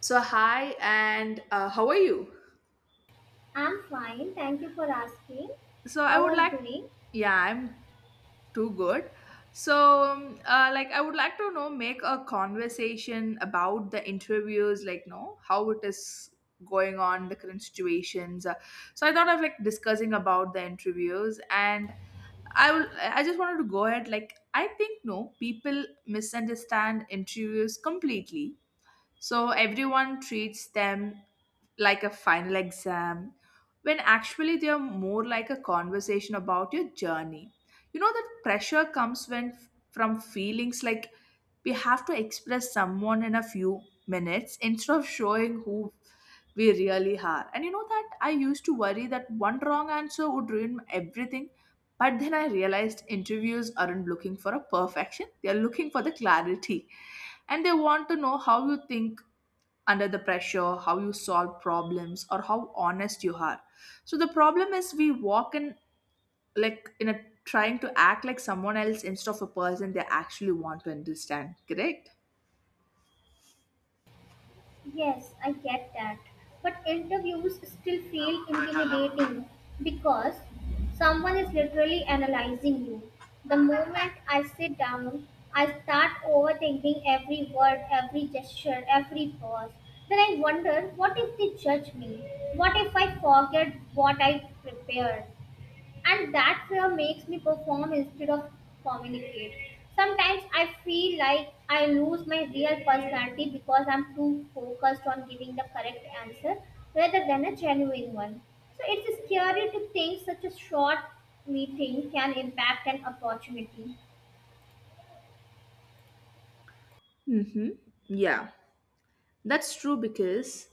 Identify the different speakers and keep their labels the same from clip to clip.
Speaker 1: So hi, and how are you?
Speaker 2: I'm fine, thank you for asking.
Speaker 1: So I
Speaker 2: How
Speaker 1: would
Speaker 2: are you
Speaker 1: like,
Speaker 2: doing?
Speaker 1: yeah, I'm too good. Like I would like to know make a conversation about the interviews, like no, how it is going on the current situations. So I thought of like discussing about the interviews, and I will. I just wanted to go ahead. Like I think no, people misunderstand interviews completely. So everyone treats them like a final exam when actually they are more like a conversation about your journey. You know that pressure comes when from feelings like we have to express someone in a few minutes instead of showing who we really are. And you know that I used to worry that one wrong answer would ruin everything, but then I realized interviews aren't looking for a perfection, they are looking for the clarity. And they want to know how you think under the pressure, how you solve problems, or how honest you are. So the problem is we walk in like in a, trying to act like someone else instead of a person they actually want to understand, correct?
Speaker 2: Yes, I get that. But interviews still feel intimidating because someone is literally analyzing you. The moment I sit down, I start overthinking every word, every gesture, every pause. Then I wonder, what if they judge me? What if I forget what I prepared? And that fear makes me perform instead of communicate. Sometimes I feel like I lose my real personality because I'm too focused on giving the correct answer rather than a genuine one. So it's scary to think such a short meeting can impact an opportunity.
Speaker 1: Mm-hmm. Yeah. That's true because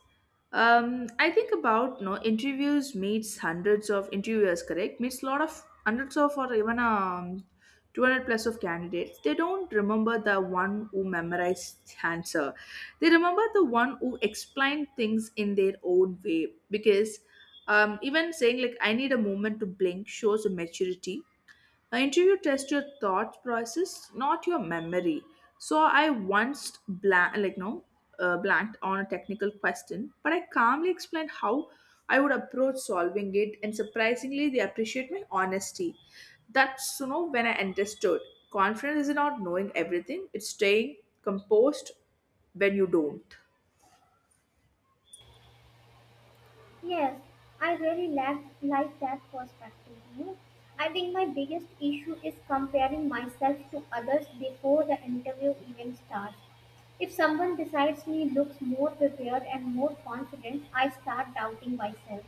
Speaker 1: I think about no interviews meets hundreds of interviewers, correct? Meets a lot of hundreds of or even 200 plus of candidates. They don't remember the one who memorized the answer. They remember the one who explained things in their own way because even saying like I need a moment to blink shows a maturity. An interview tests your thought process, not your memory. So I once blank, like no, blanked on a technical question, but I calmly explained how I would approach solving it, and surprisingly, they appreciate my honesty. That's, you know, when I understood confidence is not knowing everything; it's staying composed when you don't.
Speaker 2: Yes, I really like that perspective. You know, I think my biggest issue is comparing myself to others before the interview even starts. If someone besides me looks more prepared and more confident, I start doubting myself.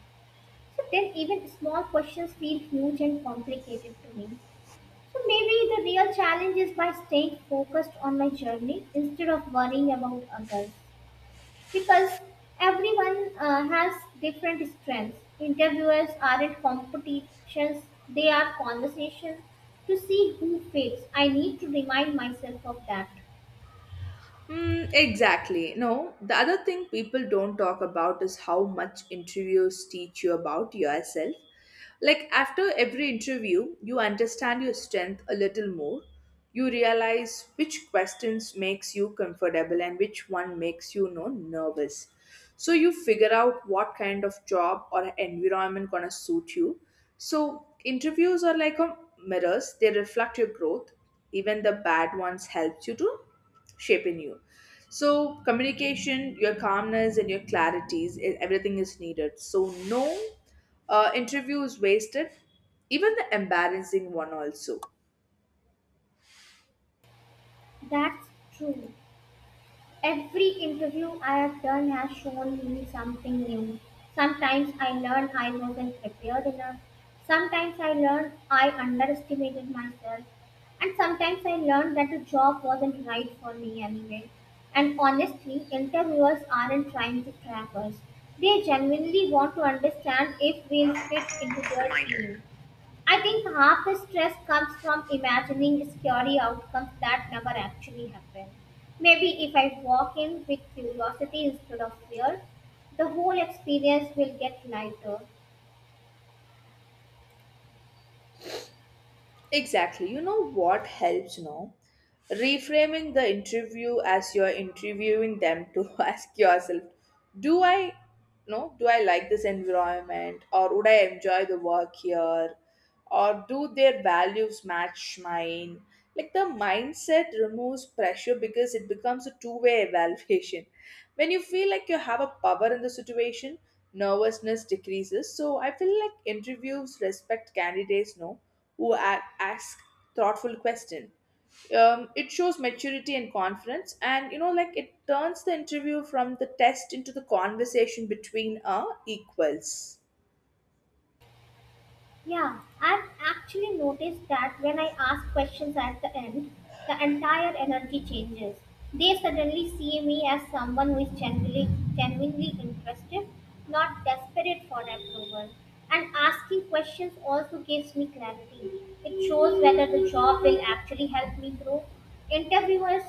Speaker 2: So then, even small questions feel huge and complicated to me. So maybe the real challenge is by staying focused on my journey instead of worrying about others, because everyone has different strengths. Interviewers aren't competitions, they are conversations to see who fits. I need to remind myself of that.
Speaker 1: Mm, exactly. No, the other thing people don't talk about is how much interviews teach you about yourself. Like after every interview, you understand your strength a little more. You realize which questions makes you comfortable and which one makes you, you know, nervous. So you figure out what kind of job or environment gonna suit you. So interviews are like a mirrors, they reflect your growth. Even the bad ones helps you to shaping you. So, communication, your calmness, and your clarities, everything is needed. So, no interview is wasted, even the embarrassing one, also.
Speaker 2: That's true. Every interview I have done has shown me something new. Sometimes I learn I wasn't prepared enough. Sometimes I learn I underestimated myself. And sometimes I learned that the job wasn't right for me anyway. And honestly, interviewers aren't trying to trap us. They genuinely want to understand if we'll fit into their
Speaker 1: Reminder.
Speaker 2: team. I think half the stress comes from imagining scary outcomes that never actually happen. Maybe if I walk in with curiosity instead of fear, the whole experience will get lighter.
Speaker 1: Exactly. You know what helps, no? Reframing the interview as you're interviewing them to ask yourself, do I, no, do I like this environment or would I enjoy the work here? Or do their values match mine? Like the mindset removes pressure because it becomes a two-way evaluation. When you feel like you have a power in the situation, nervousness decreases. So I feel like interviews respect candidates, no? Who ask thoughtful question. It shows maturity and confidence, and you know, like it turns the interview from the test into the conversation between equals.
Speaker 2: Yeah, I've actually noticed that when I ask questions at the end, the entire energy changes. They suddenly see me as someone who is genuinely interested, not desperate for approval. And asking questions also gives me clarity. It shows whether the job will actually help me grow. Interviewers,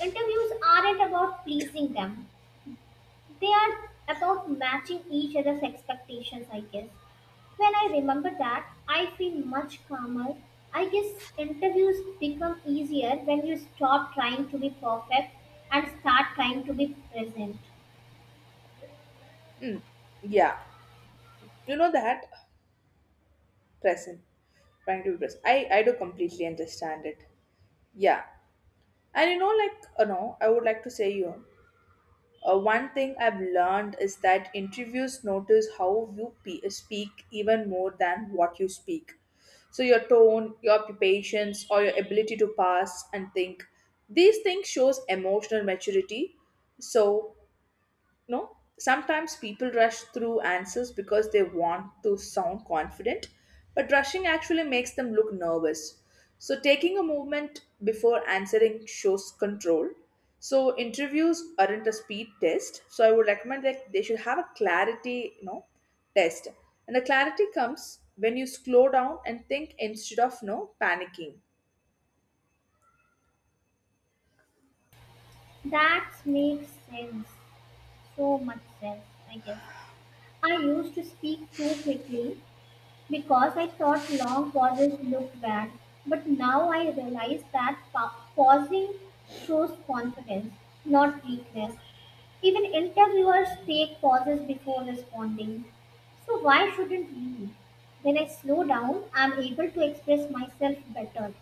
Speaker 2: interviews aren't about pleasing them. They are about matching each other's expectations, I guess. When I remember that, I feel much calmer. I guess interviews become easier when you stop trying to be perfect and start trying to be present.
Speaker 1: Mm, yeah, you know that present, trying to be present. I do completely understand it. Yeah, and you know, like you know, I would like to say you. One thing I've learned is that interviews notice how you speak even more than what you speak. So, your tone, your patience, or your ability to pass and think. These things shows emotional maturity. So, no, sometimes people rush through answers because they want to sound confident, but rushing actually makes them look nervous. So, taking a moment before answering shows control. So, interviews aren't a speed test. So, I would recommend that they should have a clarity, you know, test. And the clarity comes when you slow down and think instead of, no panicking.
Speaker 2: That makes sense. So much sense, I guess. I used to speak too quickly because I thought long pauses looked bad. But now I realize that pausing shows confidence, not weakness. Even interviewers take pauses before responding. So why shouldn't we? When I slow down, I'm able to express myself better.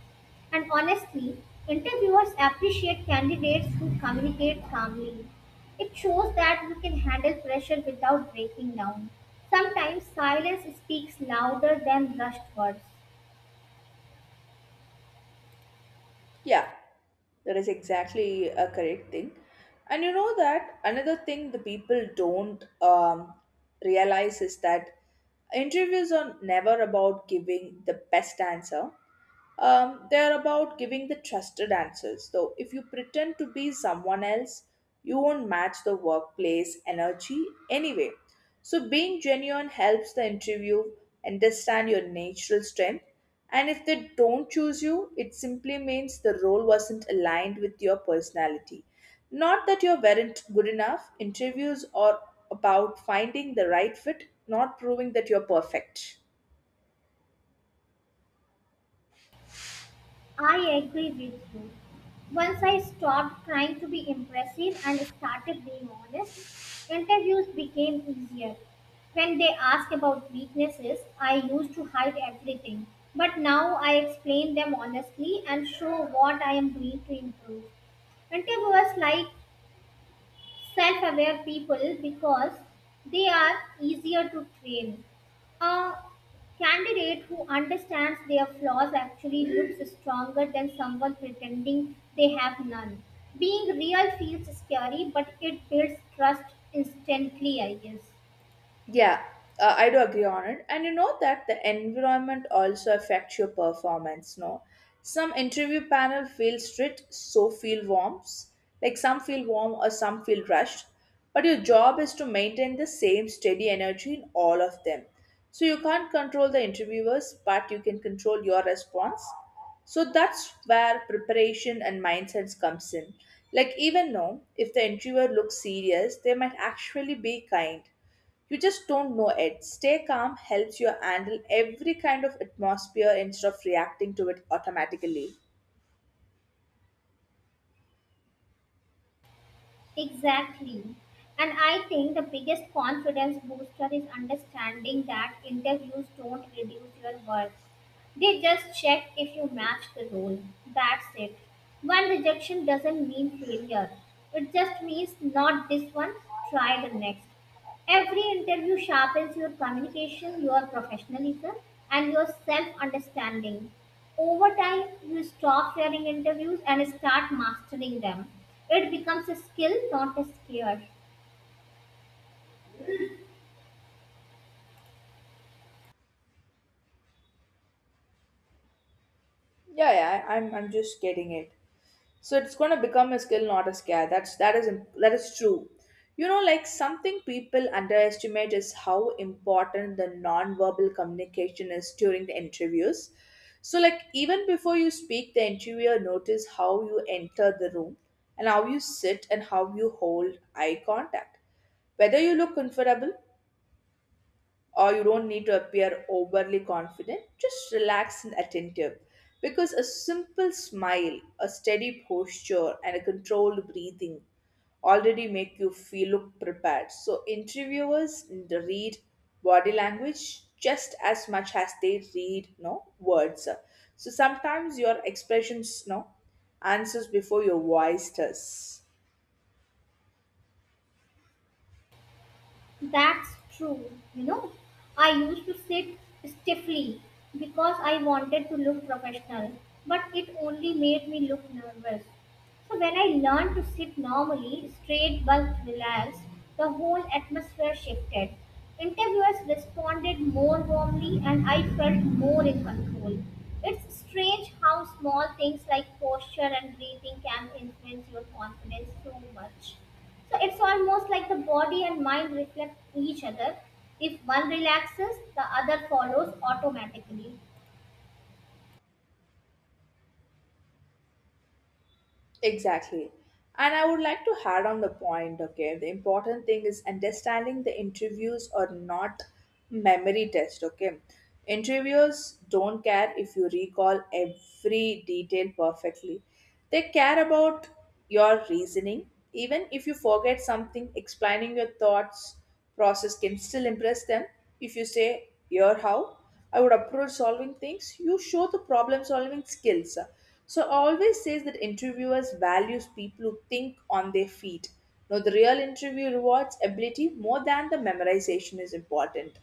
Speaker 2: And honestly, interviewers appreciate candidates who communicate calmly. It shows that you can handle pressure without breaking down. Sometimes silence speaks louder than rushed words.
Speaker 1: Yeah. That is exactly a correct thing. And you know that another thing the people don't realize is that interviews are never about giving the best answer. They are about giving the trusted answers. Though, if you pretend to be someone else, you won't match the workplace energy anyway. So, being genuine helps the interview understand your natural strength. And if they don't choose you, it simply means the role wasn't aligned with your personality. Not that you weren't good enough. Interviews are about finding the right fit, not proving that you're perfect.
Speaker 2: I agree with you. Once I stopped trying to be impressive and started being honest, interviews became easier. When they ask about weaknesses, I used to hide everything. But now I explain them honestly and show what I am doing to improve. Interviewers like self aware people because they are easier to train. A candidate who understands their flaws actually looks stronger than someone pretending they have none. Being real feels scary, but it builds trust instantly, I guess.
Speaker 1: Yeah, I do agree on it. And you know that the environment also affects your performance, no? Some interview panel feel strict, so feel warms. Like some feel warm or some feel rushed. But your job is to maintain the same steady energy in all of them. So you can't control the interviewers, but you can control your response. So that's where preparation and mindsets comes in. Like even though if the interviewer looks serious, they might actually be kind, you just don't know it. Stay calm helps you handle every kind of atmosphere instead of reacting to it automatically.
Speaker 2: Exactly. And I think the biggest confidence booster is understanding that interviews don't reduce your worth. They just check if you match the role. That's it. One rejection doesn't mean failure, it just means not this one, try the next. Every interview sharpens your communication, your professionalism, and your self understanding. Over time, you stop fearing interviews and start mastering them. It becomes a skill, not a scare.
Speaker 1: Yeah, yeah, I'm just getting it. So it's going to become a skill, not a scare. That's, that is that is true. You know, like something people underestimate is how important the non-verbal communication is during the interviews. So, like even before you speak, the interviewer notice how you enter the room and how you sit and how you hold eye contact. Whether you look comfortable, or you don't need to appear overly confident. Just relax and attentive. Because a simple smile, a steady posture, and a controlled breathing already make you feel look prepared. So interviewers read body language just as much as they read no words. So sometimes your expressions no answers before your voice does.
Speaker 2: That's true. You know, I used to sit stiffly because I wanted to look professional, but it only made me look nervous. So when I learned to sit normally, straight, but relaxed, the whole atmosphere shifted. Interviewers responded more warmly and I felt more in control. It's strange how small things like posture and breathing can influence your confidence so much. So it's almost like the body and mind reflect each other. If one relaxes, the other follows automatically.
Speaker 1: Exactly. And I would like to add on the point, okay? The important thing is understanding the interviews are not memory test, okay? Interviewers don't care if you recall every detail perfectly. They care about your reasoning. Even if you forget something, explaining your thoughts process can still impress them. If you say, here how I would approach solving things, you show the problem solving skills. So I always says that interviewers values people who think on their feet. Now the real interview rewards ability more than the memorization is important.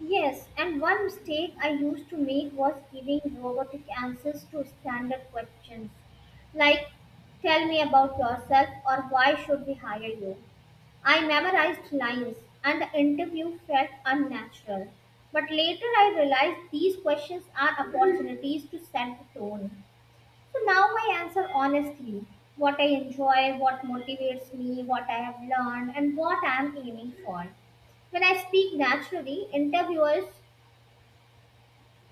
Speaker 2: Yes, and one mistake I used to make was giving robotic answers to standard questions like tell me about yourself or why should we hire you. I memorized lines and the interview felt unnatural. But later I realized these questions are opportunities to set the tone. So now I answer honestly what I enjoy, what motivates me, what I have learned, and what I am aiming for. When I speak naturally, interviewers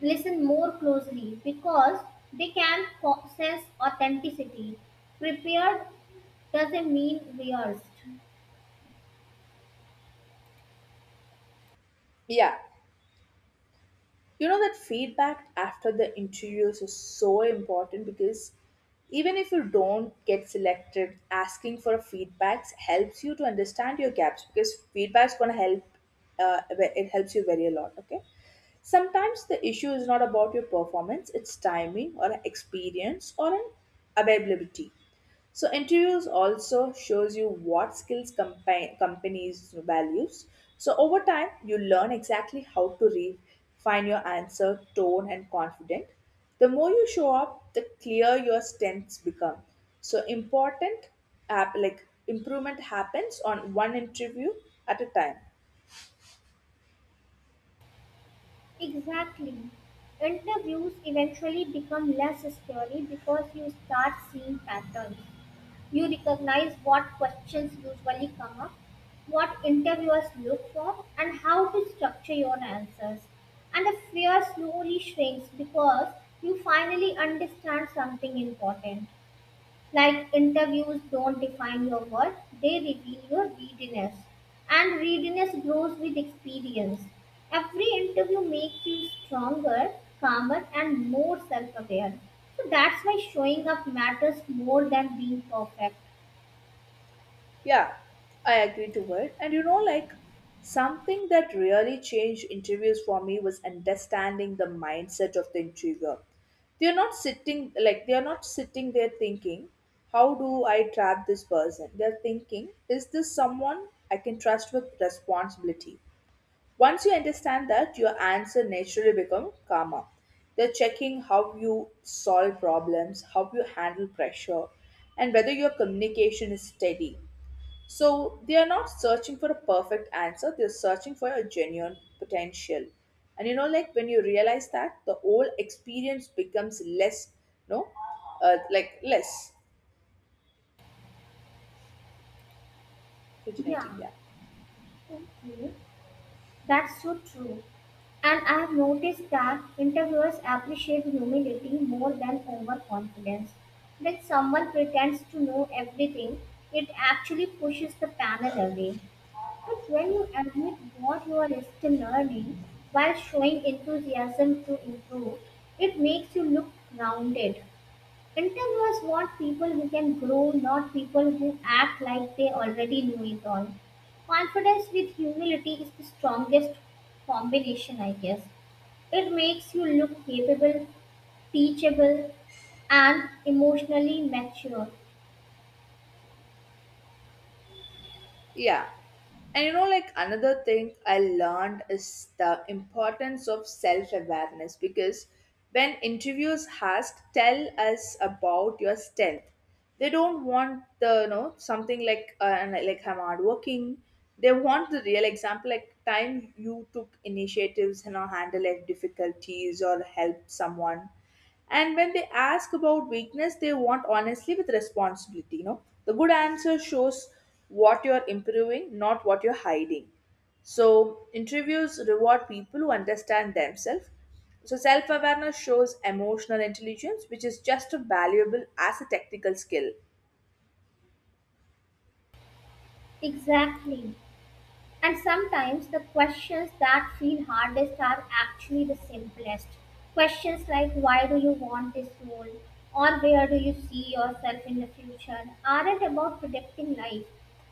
Speaker 2: listen more closely because they can sense authenticity. Prepared doesn't mean rehearsed.
Speaker 1: Yeah. You know that feedback after the interviews is so important because even if you don't get selected, asking for feedbacks helps you to understand your gaps because feedback's gonna help. It helps you very a lot. Okay. Sometimes the issue is not about your performance, it's timing or experience or an availability. So interviews also shows you what skills companies values. So over time, you learn exactly how to refine your answer, tone, and confident. The more you show up, the clearer your strengths become. So important, app like improvement happens on one interview at a time.
Speaker 2: Exactly. Interviews eventually become less scary because you start seeing patterns. You recognize what questions usually come up, what interviewers look for, and how to structure your answers. And the fear slowly shrinks because you finally understand something important. Like interviews don't define your worth, they reveal your readiness. And readiness grows with experience. Every interview makes you stronger, calmer, and more self aware. So that's why showing up matters more than being perfect.
Speaker 1: Yeah, I agree to it. And you know, like something that really changed interviews for me was understanding the mindset of the interviewer. They're not sitting there thinking, how do I trap this person? They're thinking, is this someone I can trust with responsibility? Once you understand that, your answer naturally become calmer. They're checking how you solve problems, how you handle pressure, and whether your communication is steady. So they are not searching for a perfect answer, they're searching for a genuine potential. And you know, like when you realize that, the whole experience becomes less, no, like less
Speaker 2: Yeah,
Speaker 1: originating. Yeah.
Speaker 2: okay. That's so true. And I have noticed that interviewers appreciate humility more than overconfidence. When someone pretends to know everything, it actually pushes the panel away. But when you admit what you are still learning while showing enthusiasm to improve, it makes you look grounded. Intel was want people who can grow, not people who act like they already know it all. Confidence with humility is the strongest combination, I guess. It makes you look capable, teachable, and emotionally mature.
Speaker 1: Yeah. And you know, like another thing I learned is the importance of self awareness because when interviewers ask, tell us about your strength, they don't want the, you know, something like, and like, I'm hardworking. They want the real example, like time you took initiatives, you know, handle like difficulties or help someone. And when they ask about weakness, they want honestly with responsibility. You know, the good answer shows what you're improving, not what you're hiding. So, interviews reward people who understand themselves. So, self awareness shows emotional intelligence, which is just as valuable as a technical skill.
Speaker 2: Exactly. And sometimes the questions that feel hardest are actually the simplest. Questions like why do you want this role or where do you see yourself in the future aren't about predicting life.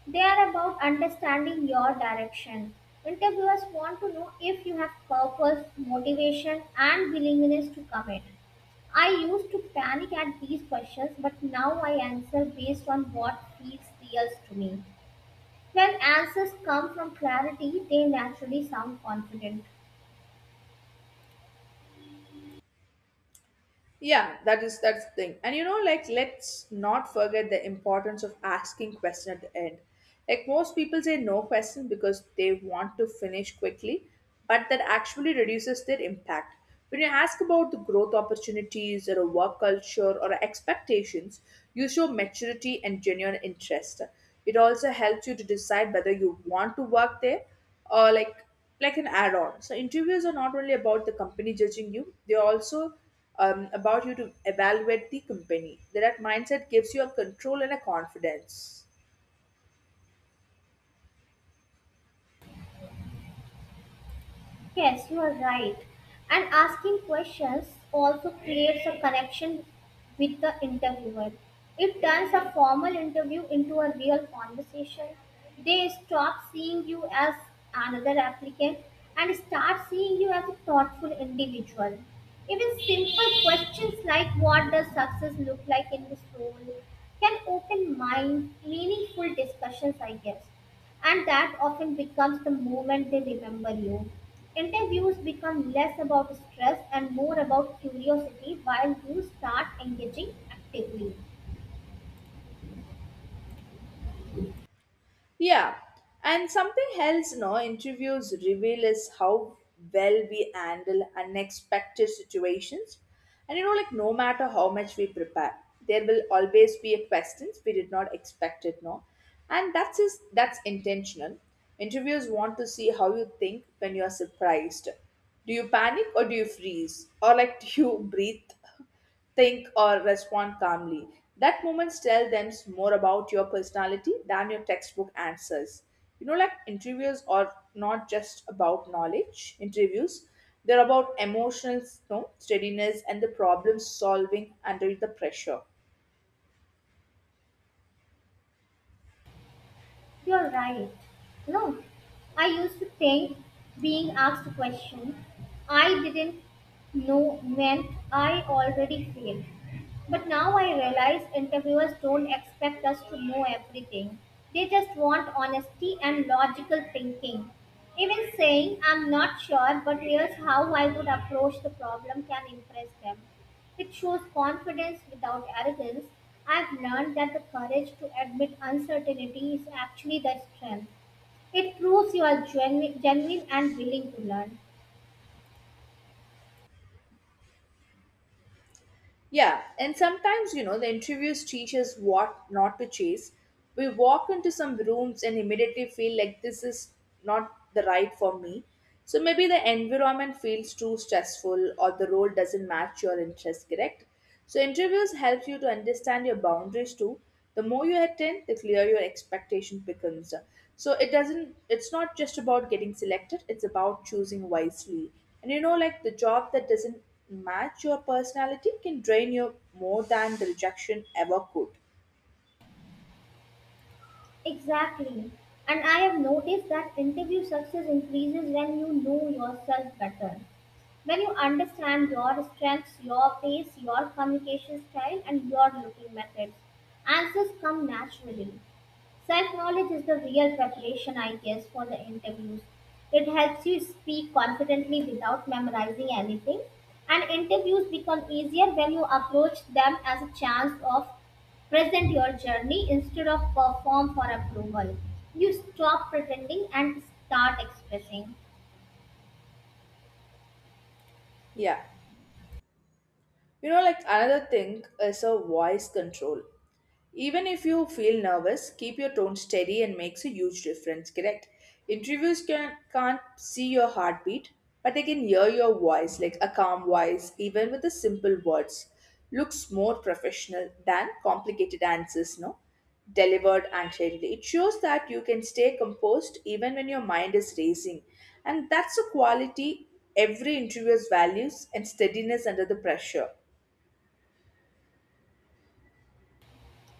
Speaker 2: They are about understanding your direction. Interviewers want to know if you have purpose, motivation, and willingness to commit. I used to panic at these questions, but now I answer based on what feels real to me. When answers come from clarity, they naturally sound confident.
Speaker 1: Yeah, that is that's the thing. And you know, like let's not forget the importance of asking question at the end. Like most people say no question because they want to finish quickly, but that actually reduces their impact. When you ask about the growth opportunities or a work culture or expectations, you show maturity and genuine interest. It also helps you to decide whether you want to work there or like an add-on. So interviews are not only about the company judging you, they also about you to evaluate the company. That mindset gives you a control and a confidence.
Speaker 2: Yes, you are right. And asking questions also creates a connection with the interviewer. It turns a formal interview into a real conversation. They stop seeing you as another applicant and start seeing you as a thoughtful individual. Even simple questions like what does success look like in this role can open mind, meaningful discussions, I guess, and that often becomes the moment they remember you. Interviews become less about stress and more about curiosity while you start engaging actively.
Speaker 1: Yeah, and something else, no interviews reveal is how well we handle unexpected situations. And you know, like no matter how much we prepare, there will always be a questions we did not expect it, no, and that's is that's intentional. Interviewers want to see how you think when you are surprised. Do you panic or do you freeze, or like do you breathe, think, or respond calmly? That moments tell them more about your personality than your textbook answers. You know, like interviews are not just about knowledge, interviews, they're about emotional steadiness and the problem solving under the pressure.
Speaker 2: You're right. You know, I used to think being asked a question I didn't know meant I already failed. But now I realize interviewers don't expect us to know everything. They just want honesty and logical thinking. Even saying, I'm not sure, but here's how I would approach the problem, can impress them. It shows confidence without arrogance. I've learned that the courage to admit uncertainty is actually the strength. It proves you are genuine and willing to learn.
Speaker 1: Yeah, and sometimes, the interviews teach us what not to chase. We walk into some rooms and immediately feel like this is not the right for me. So maybe the environment feels too stressful or the role doesn't match your interest, correct? So interviews help you to understand your boundaries too. The more you attend, the clearer your expectation becomes. So it's not just about getting selected, it's about choosing wisely. And you know like the job that doesn't match your personality can drain you more than the rejection ever could.
Speaker 2: Exactly. And I have noticed that interview success increases when you know yourself better. When you understand your strengths, your pace, your communication style, and your looking methods, answers come naturally. Self knowledge is the real preparation, I guess, for the interviews. It helps you speak confidently without memorizing anything. And interviews become easier when you approach them as a chance of present your journey instead of perform for approval. You stop pretending and start expressing.
Speaker 1: Yeah. You know like another thing is a voice control. Even if you feel nervous, keep your tone steady and makes a huge difference, correct? Interviews can't see your heartbeat, but they can hear your voice, like a calm voice, even with the simple words. Looks more professional than complicated answers, no? Delivered anxiety. It shows that you can stay composed even when your mind is racing. And that's a quality every interviewer values and steadiness under the pressure.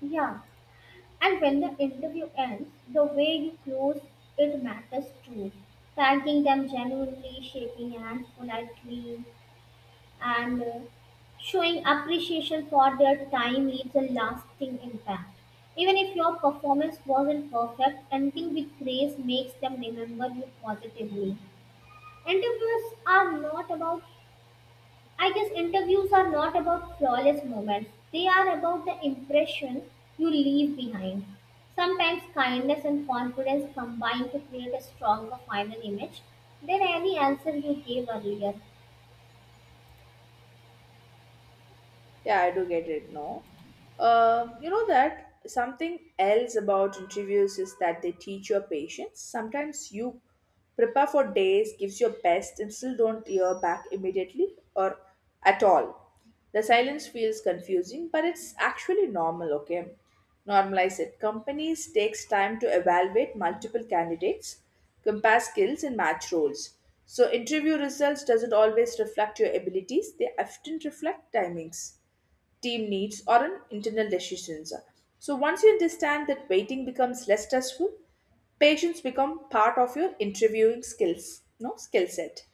Speaker 2: Yeah. And when the interview ends, the way you close it matters too. Thanking them genuinely, shaking hands politely, and showing appreciation for their time leaves a lasting impact. Even if your performance wasn't perfect, ending with praise makes them remember you positively. Interviews are not I guess, interviews are not about flawless moments. They are about the impression you leave behind. Sometimes kindness and confidence combine to create a stronger final image than any answer you gave earlier.
Speaker 1: Yeah, I do get it. No, you know that something else about interviews is that they teach your patience. Sometimes you prepare for days, gives your best, and still don't hear back immediately or at all. The silence feels confusing, but it's actually normal. Okay, normalize it. Companies takes time to evaluate multiple candidates, compare skills, and match roles. So interview results doesn't always reflect your abilities; they often reflect timings, team needs, or on internal decisions. So once you understand that, waiting becomes less stressful, patience become part of your interviewing skills, no skill set.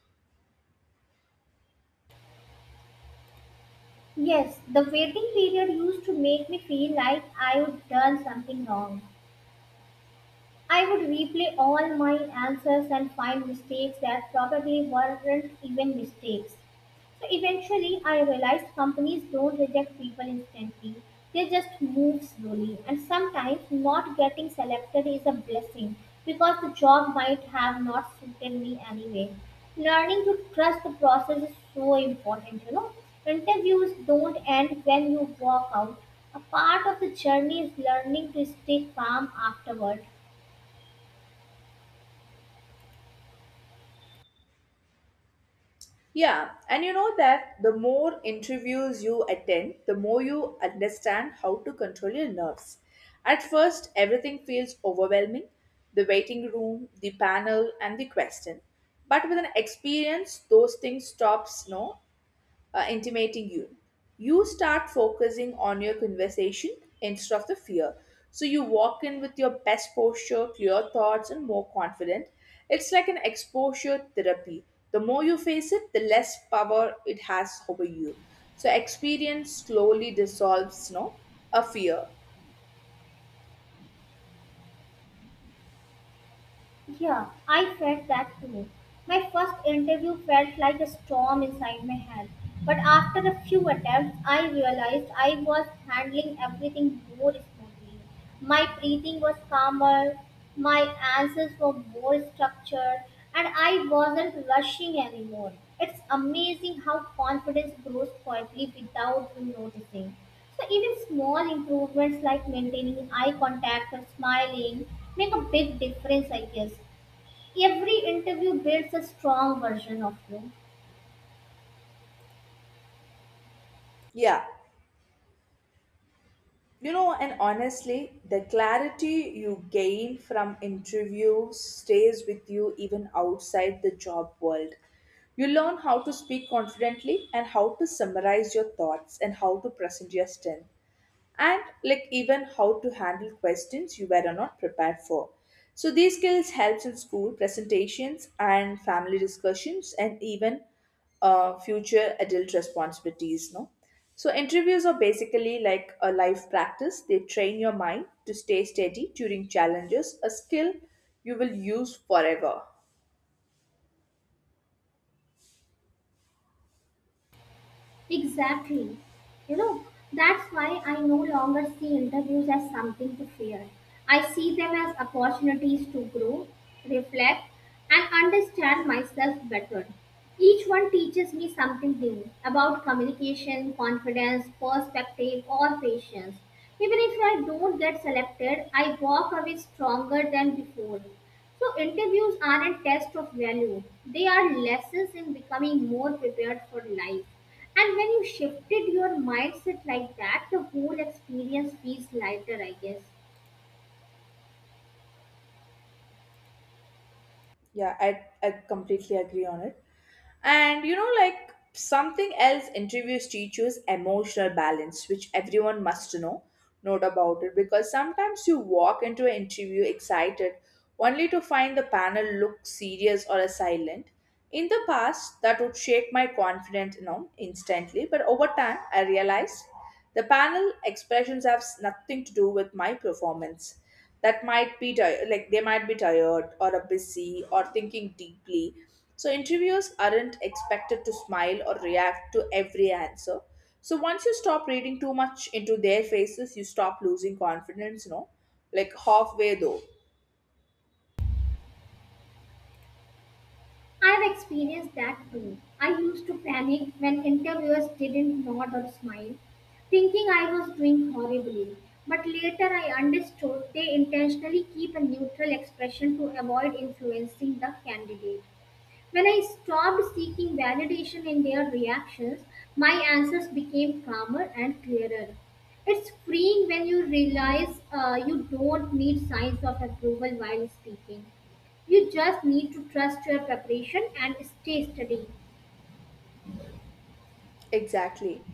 Speaker 2: Yes, the waiting period used to make me feel like I would done something wrong. I would replay all my answers and find mistakes that probably weren't even mistakes. So eventually, I realized companies don't reject people instantly. They just move slowly, and sometimes not getting selected is a blessing because the job might have not suited me anyway. Learning to trust the process is so important, you know. Interviews don't end when you walk out. A part of the journey is learning to stay calm afterward.
Speaker 1: Yeah, and you know that the more interviews you attend, the more you understand how to control your nerves. At first, everything feels overwhelming, the waiting room, the panel, and the question. But with an experience, those things stops, no, intimating you. You start focusing on your conversation instead of the fear. So you walk in with your best posture, clear thoughts, and more confident. It's like an exposure therapy. The more you face it, the less power it has over you. So experience slowly dissolves, no, a fear.
Speaker 2: Yeah, I felt that too. My first interview felt like a storm inside my head. But after a few attempts, I realized I was handling everything more smoothly. My breathing was calmer, my answers were more structured, and I wasn't rushing anymore. It's amazing how confidence grows quietly without you noticing. So even small improvements like maintaining eye contact or smiling make a big difference, I guess. Every interview builds a strong version of you.
Speaker 1: Yeah. You know, and honestly, the clarity you gain from interviews stays with you even outside the job world. You learn how to speak confidently, and how to summarize your thoughts, and how to present your strength, and like even how to handle questions you were not prepared for. So these skills helps in school presentations and family discussions, and even future adult responsibilities, no. So interviews are basically like a life practice. They train your mind to stay steady during challenges, a skill you will use forever.
Speaker 2: Exactly. You know, that's why I no longer see interviews as something to fear. I see them as opportunities to grow, reflect, and understand myself better. Each one teaches me something new about communication, confidence, perspective, or patience. Even if I don't get selected, I walk away stronger than before. So, interviews aren't tests of value, they are lessons in becoming more prepared for life, and when you shifted your mindset like that, the whole experience feels lighter, I guess.
Speaker 1: Yeah, I completely agree on it. And you know, like something else interviews teach you is emotional balance, which everyone must know, note about it, because sometimes you walk into an interview excited only to find the panel look serious or silent. In the past, that would shake my confidence, you know, instantly, but over time, I realized the panel expressions have nothing to do with my performance. That might be like they might be tired or are busy or thinking deeply. So interviewers aren't expected to smile or react to every answer. So once you stop reading too much into their faces, you stop losing confidence, no, like halfway though.
Speaker 2: I've experienced that too. I used to panic when interviewers didn't nod or smile, thinking I was doing horribly. But later I understood they intentionally keep a neutral expression to avoid influencing the candidate. When I stopped seeking validation in their reactions, my answers became calmer and clearer. It's freeing when you realize you don't need signs of approval while speaking. You just need to trust your preparation and stay steady.
Speaker 1: Exactly.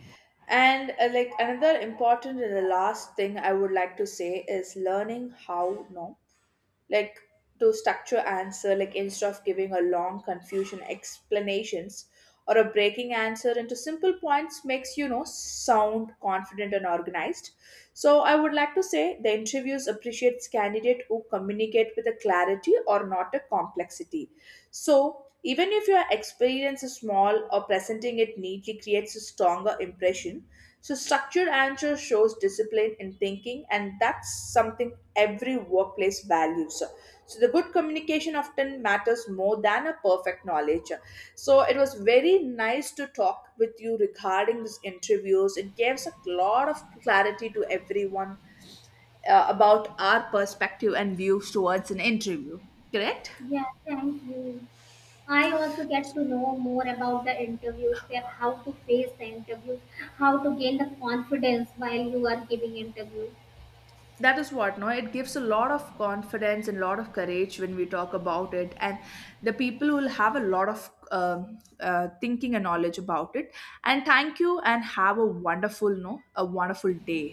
Speaker 1: And like another important and the last thing I would like to say is learning how, no, like to structure answer, like instead of giving a long confusion explanations or a breaking answer into simple points makes you know sound confident and organized. So I would like to say the interviews appreciates candidate who communicate with a clarity, or not a complexity. So, even if your experience is small, or presenting it neatly creates a stronger impression, so structured answer shows discipline in thinking, and that's something every workplace values. So, the good communication often matters more than a perfect knowledge. So, it was very nice to talk with you regarding these interviews. It gives a lot of clarity to everyone about our perspective and views towards an interview, correct?
Speaker 2: Yeah, thank you. I also get to know more about the interviews, that how to face the interviews, how to gain the confidence while you are giving interviews.
Speaker 1: That is what, no, it gives a lot of confidence and a lot of courage when we talk about it, and the people will have a lot of thinking and knowledge about it. And thank you and have a wonderful no a wonderful day.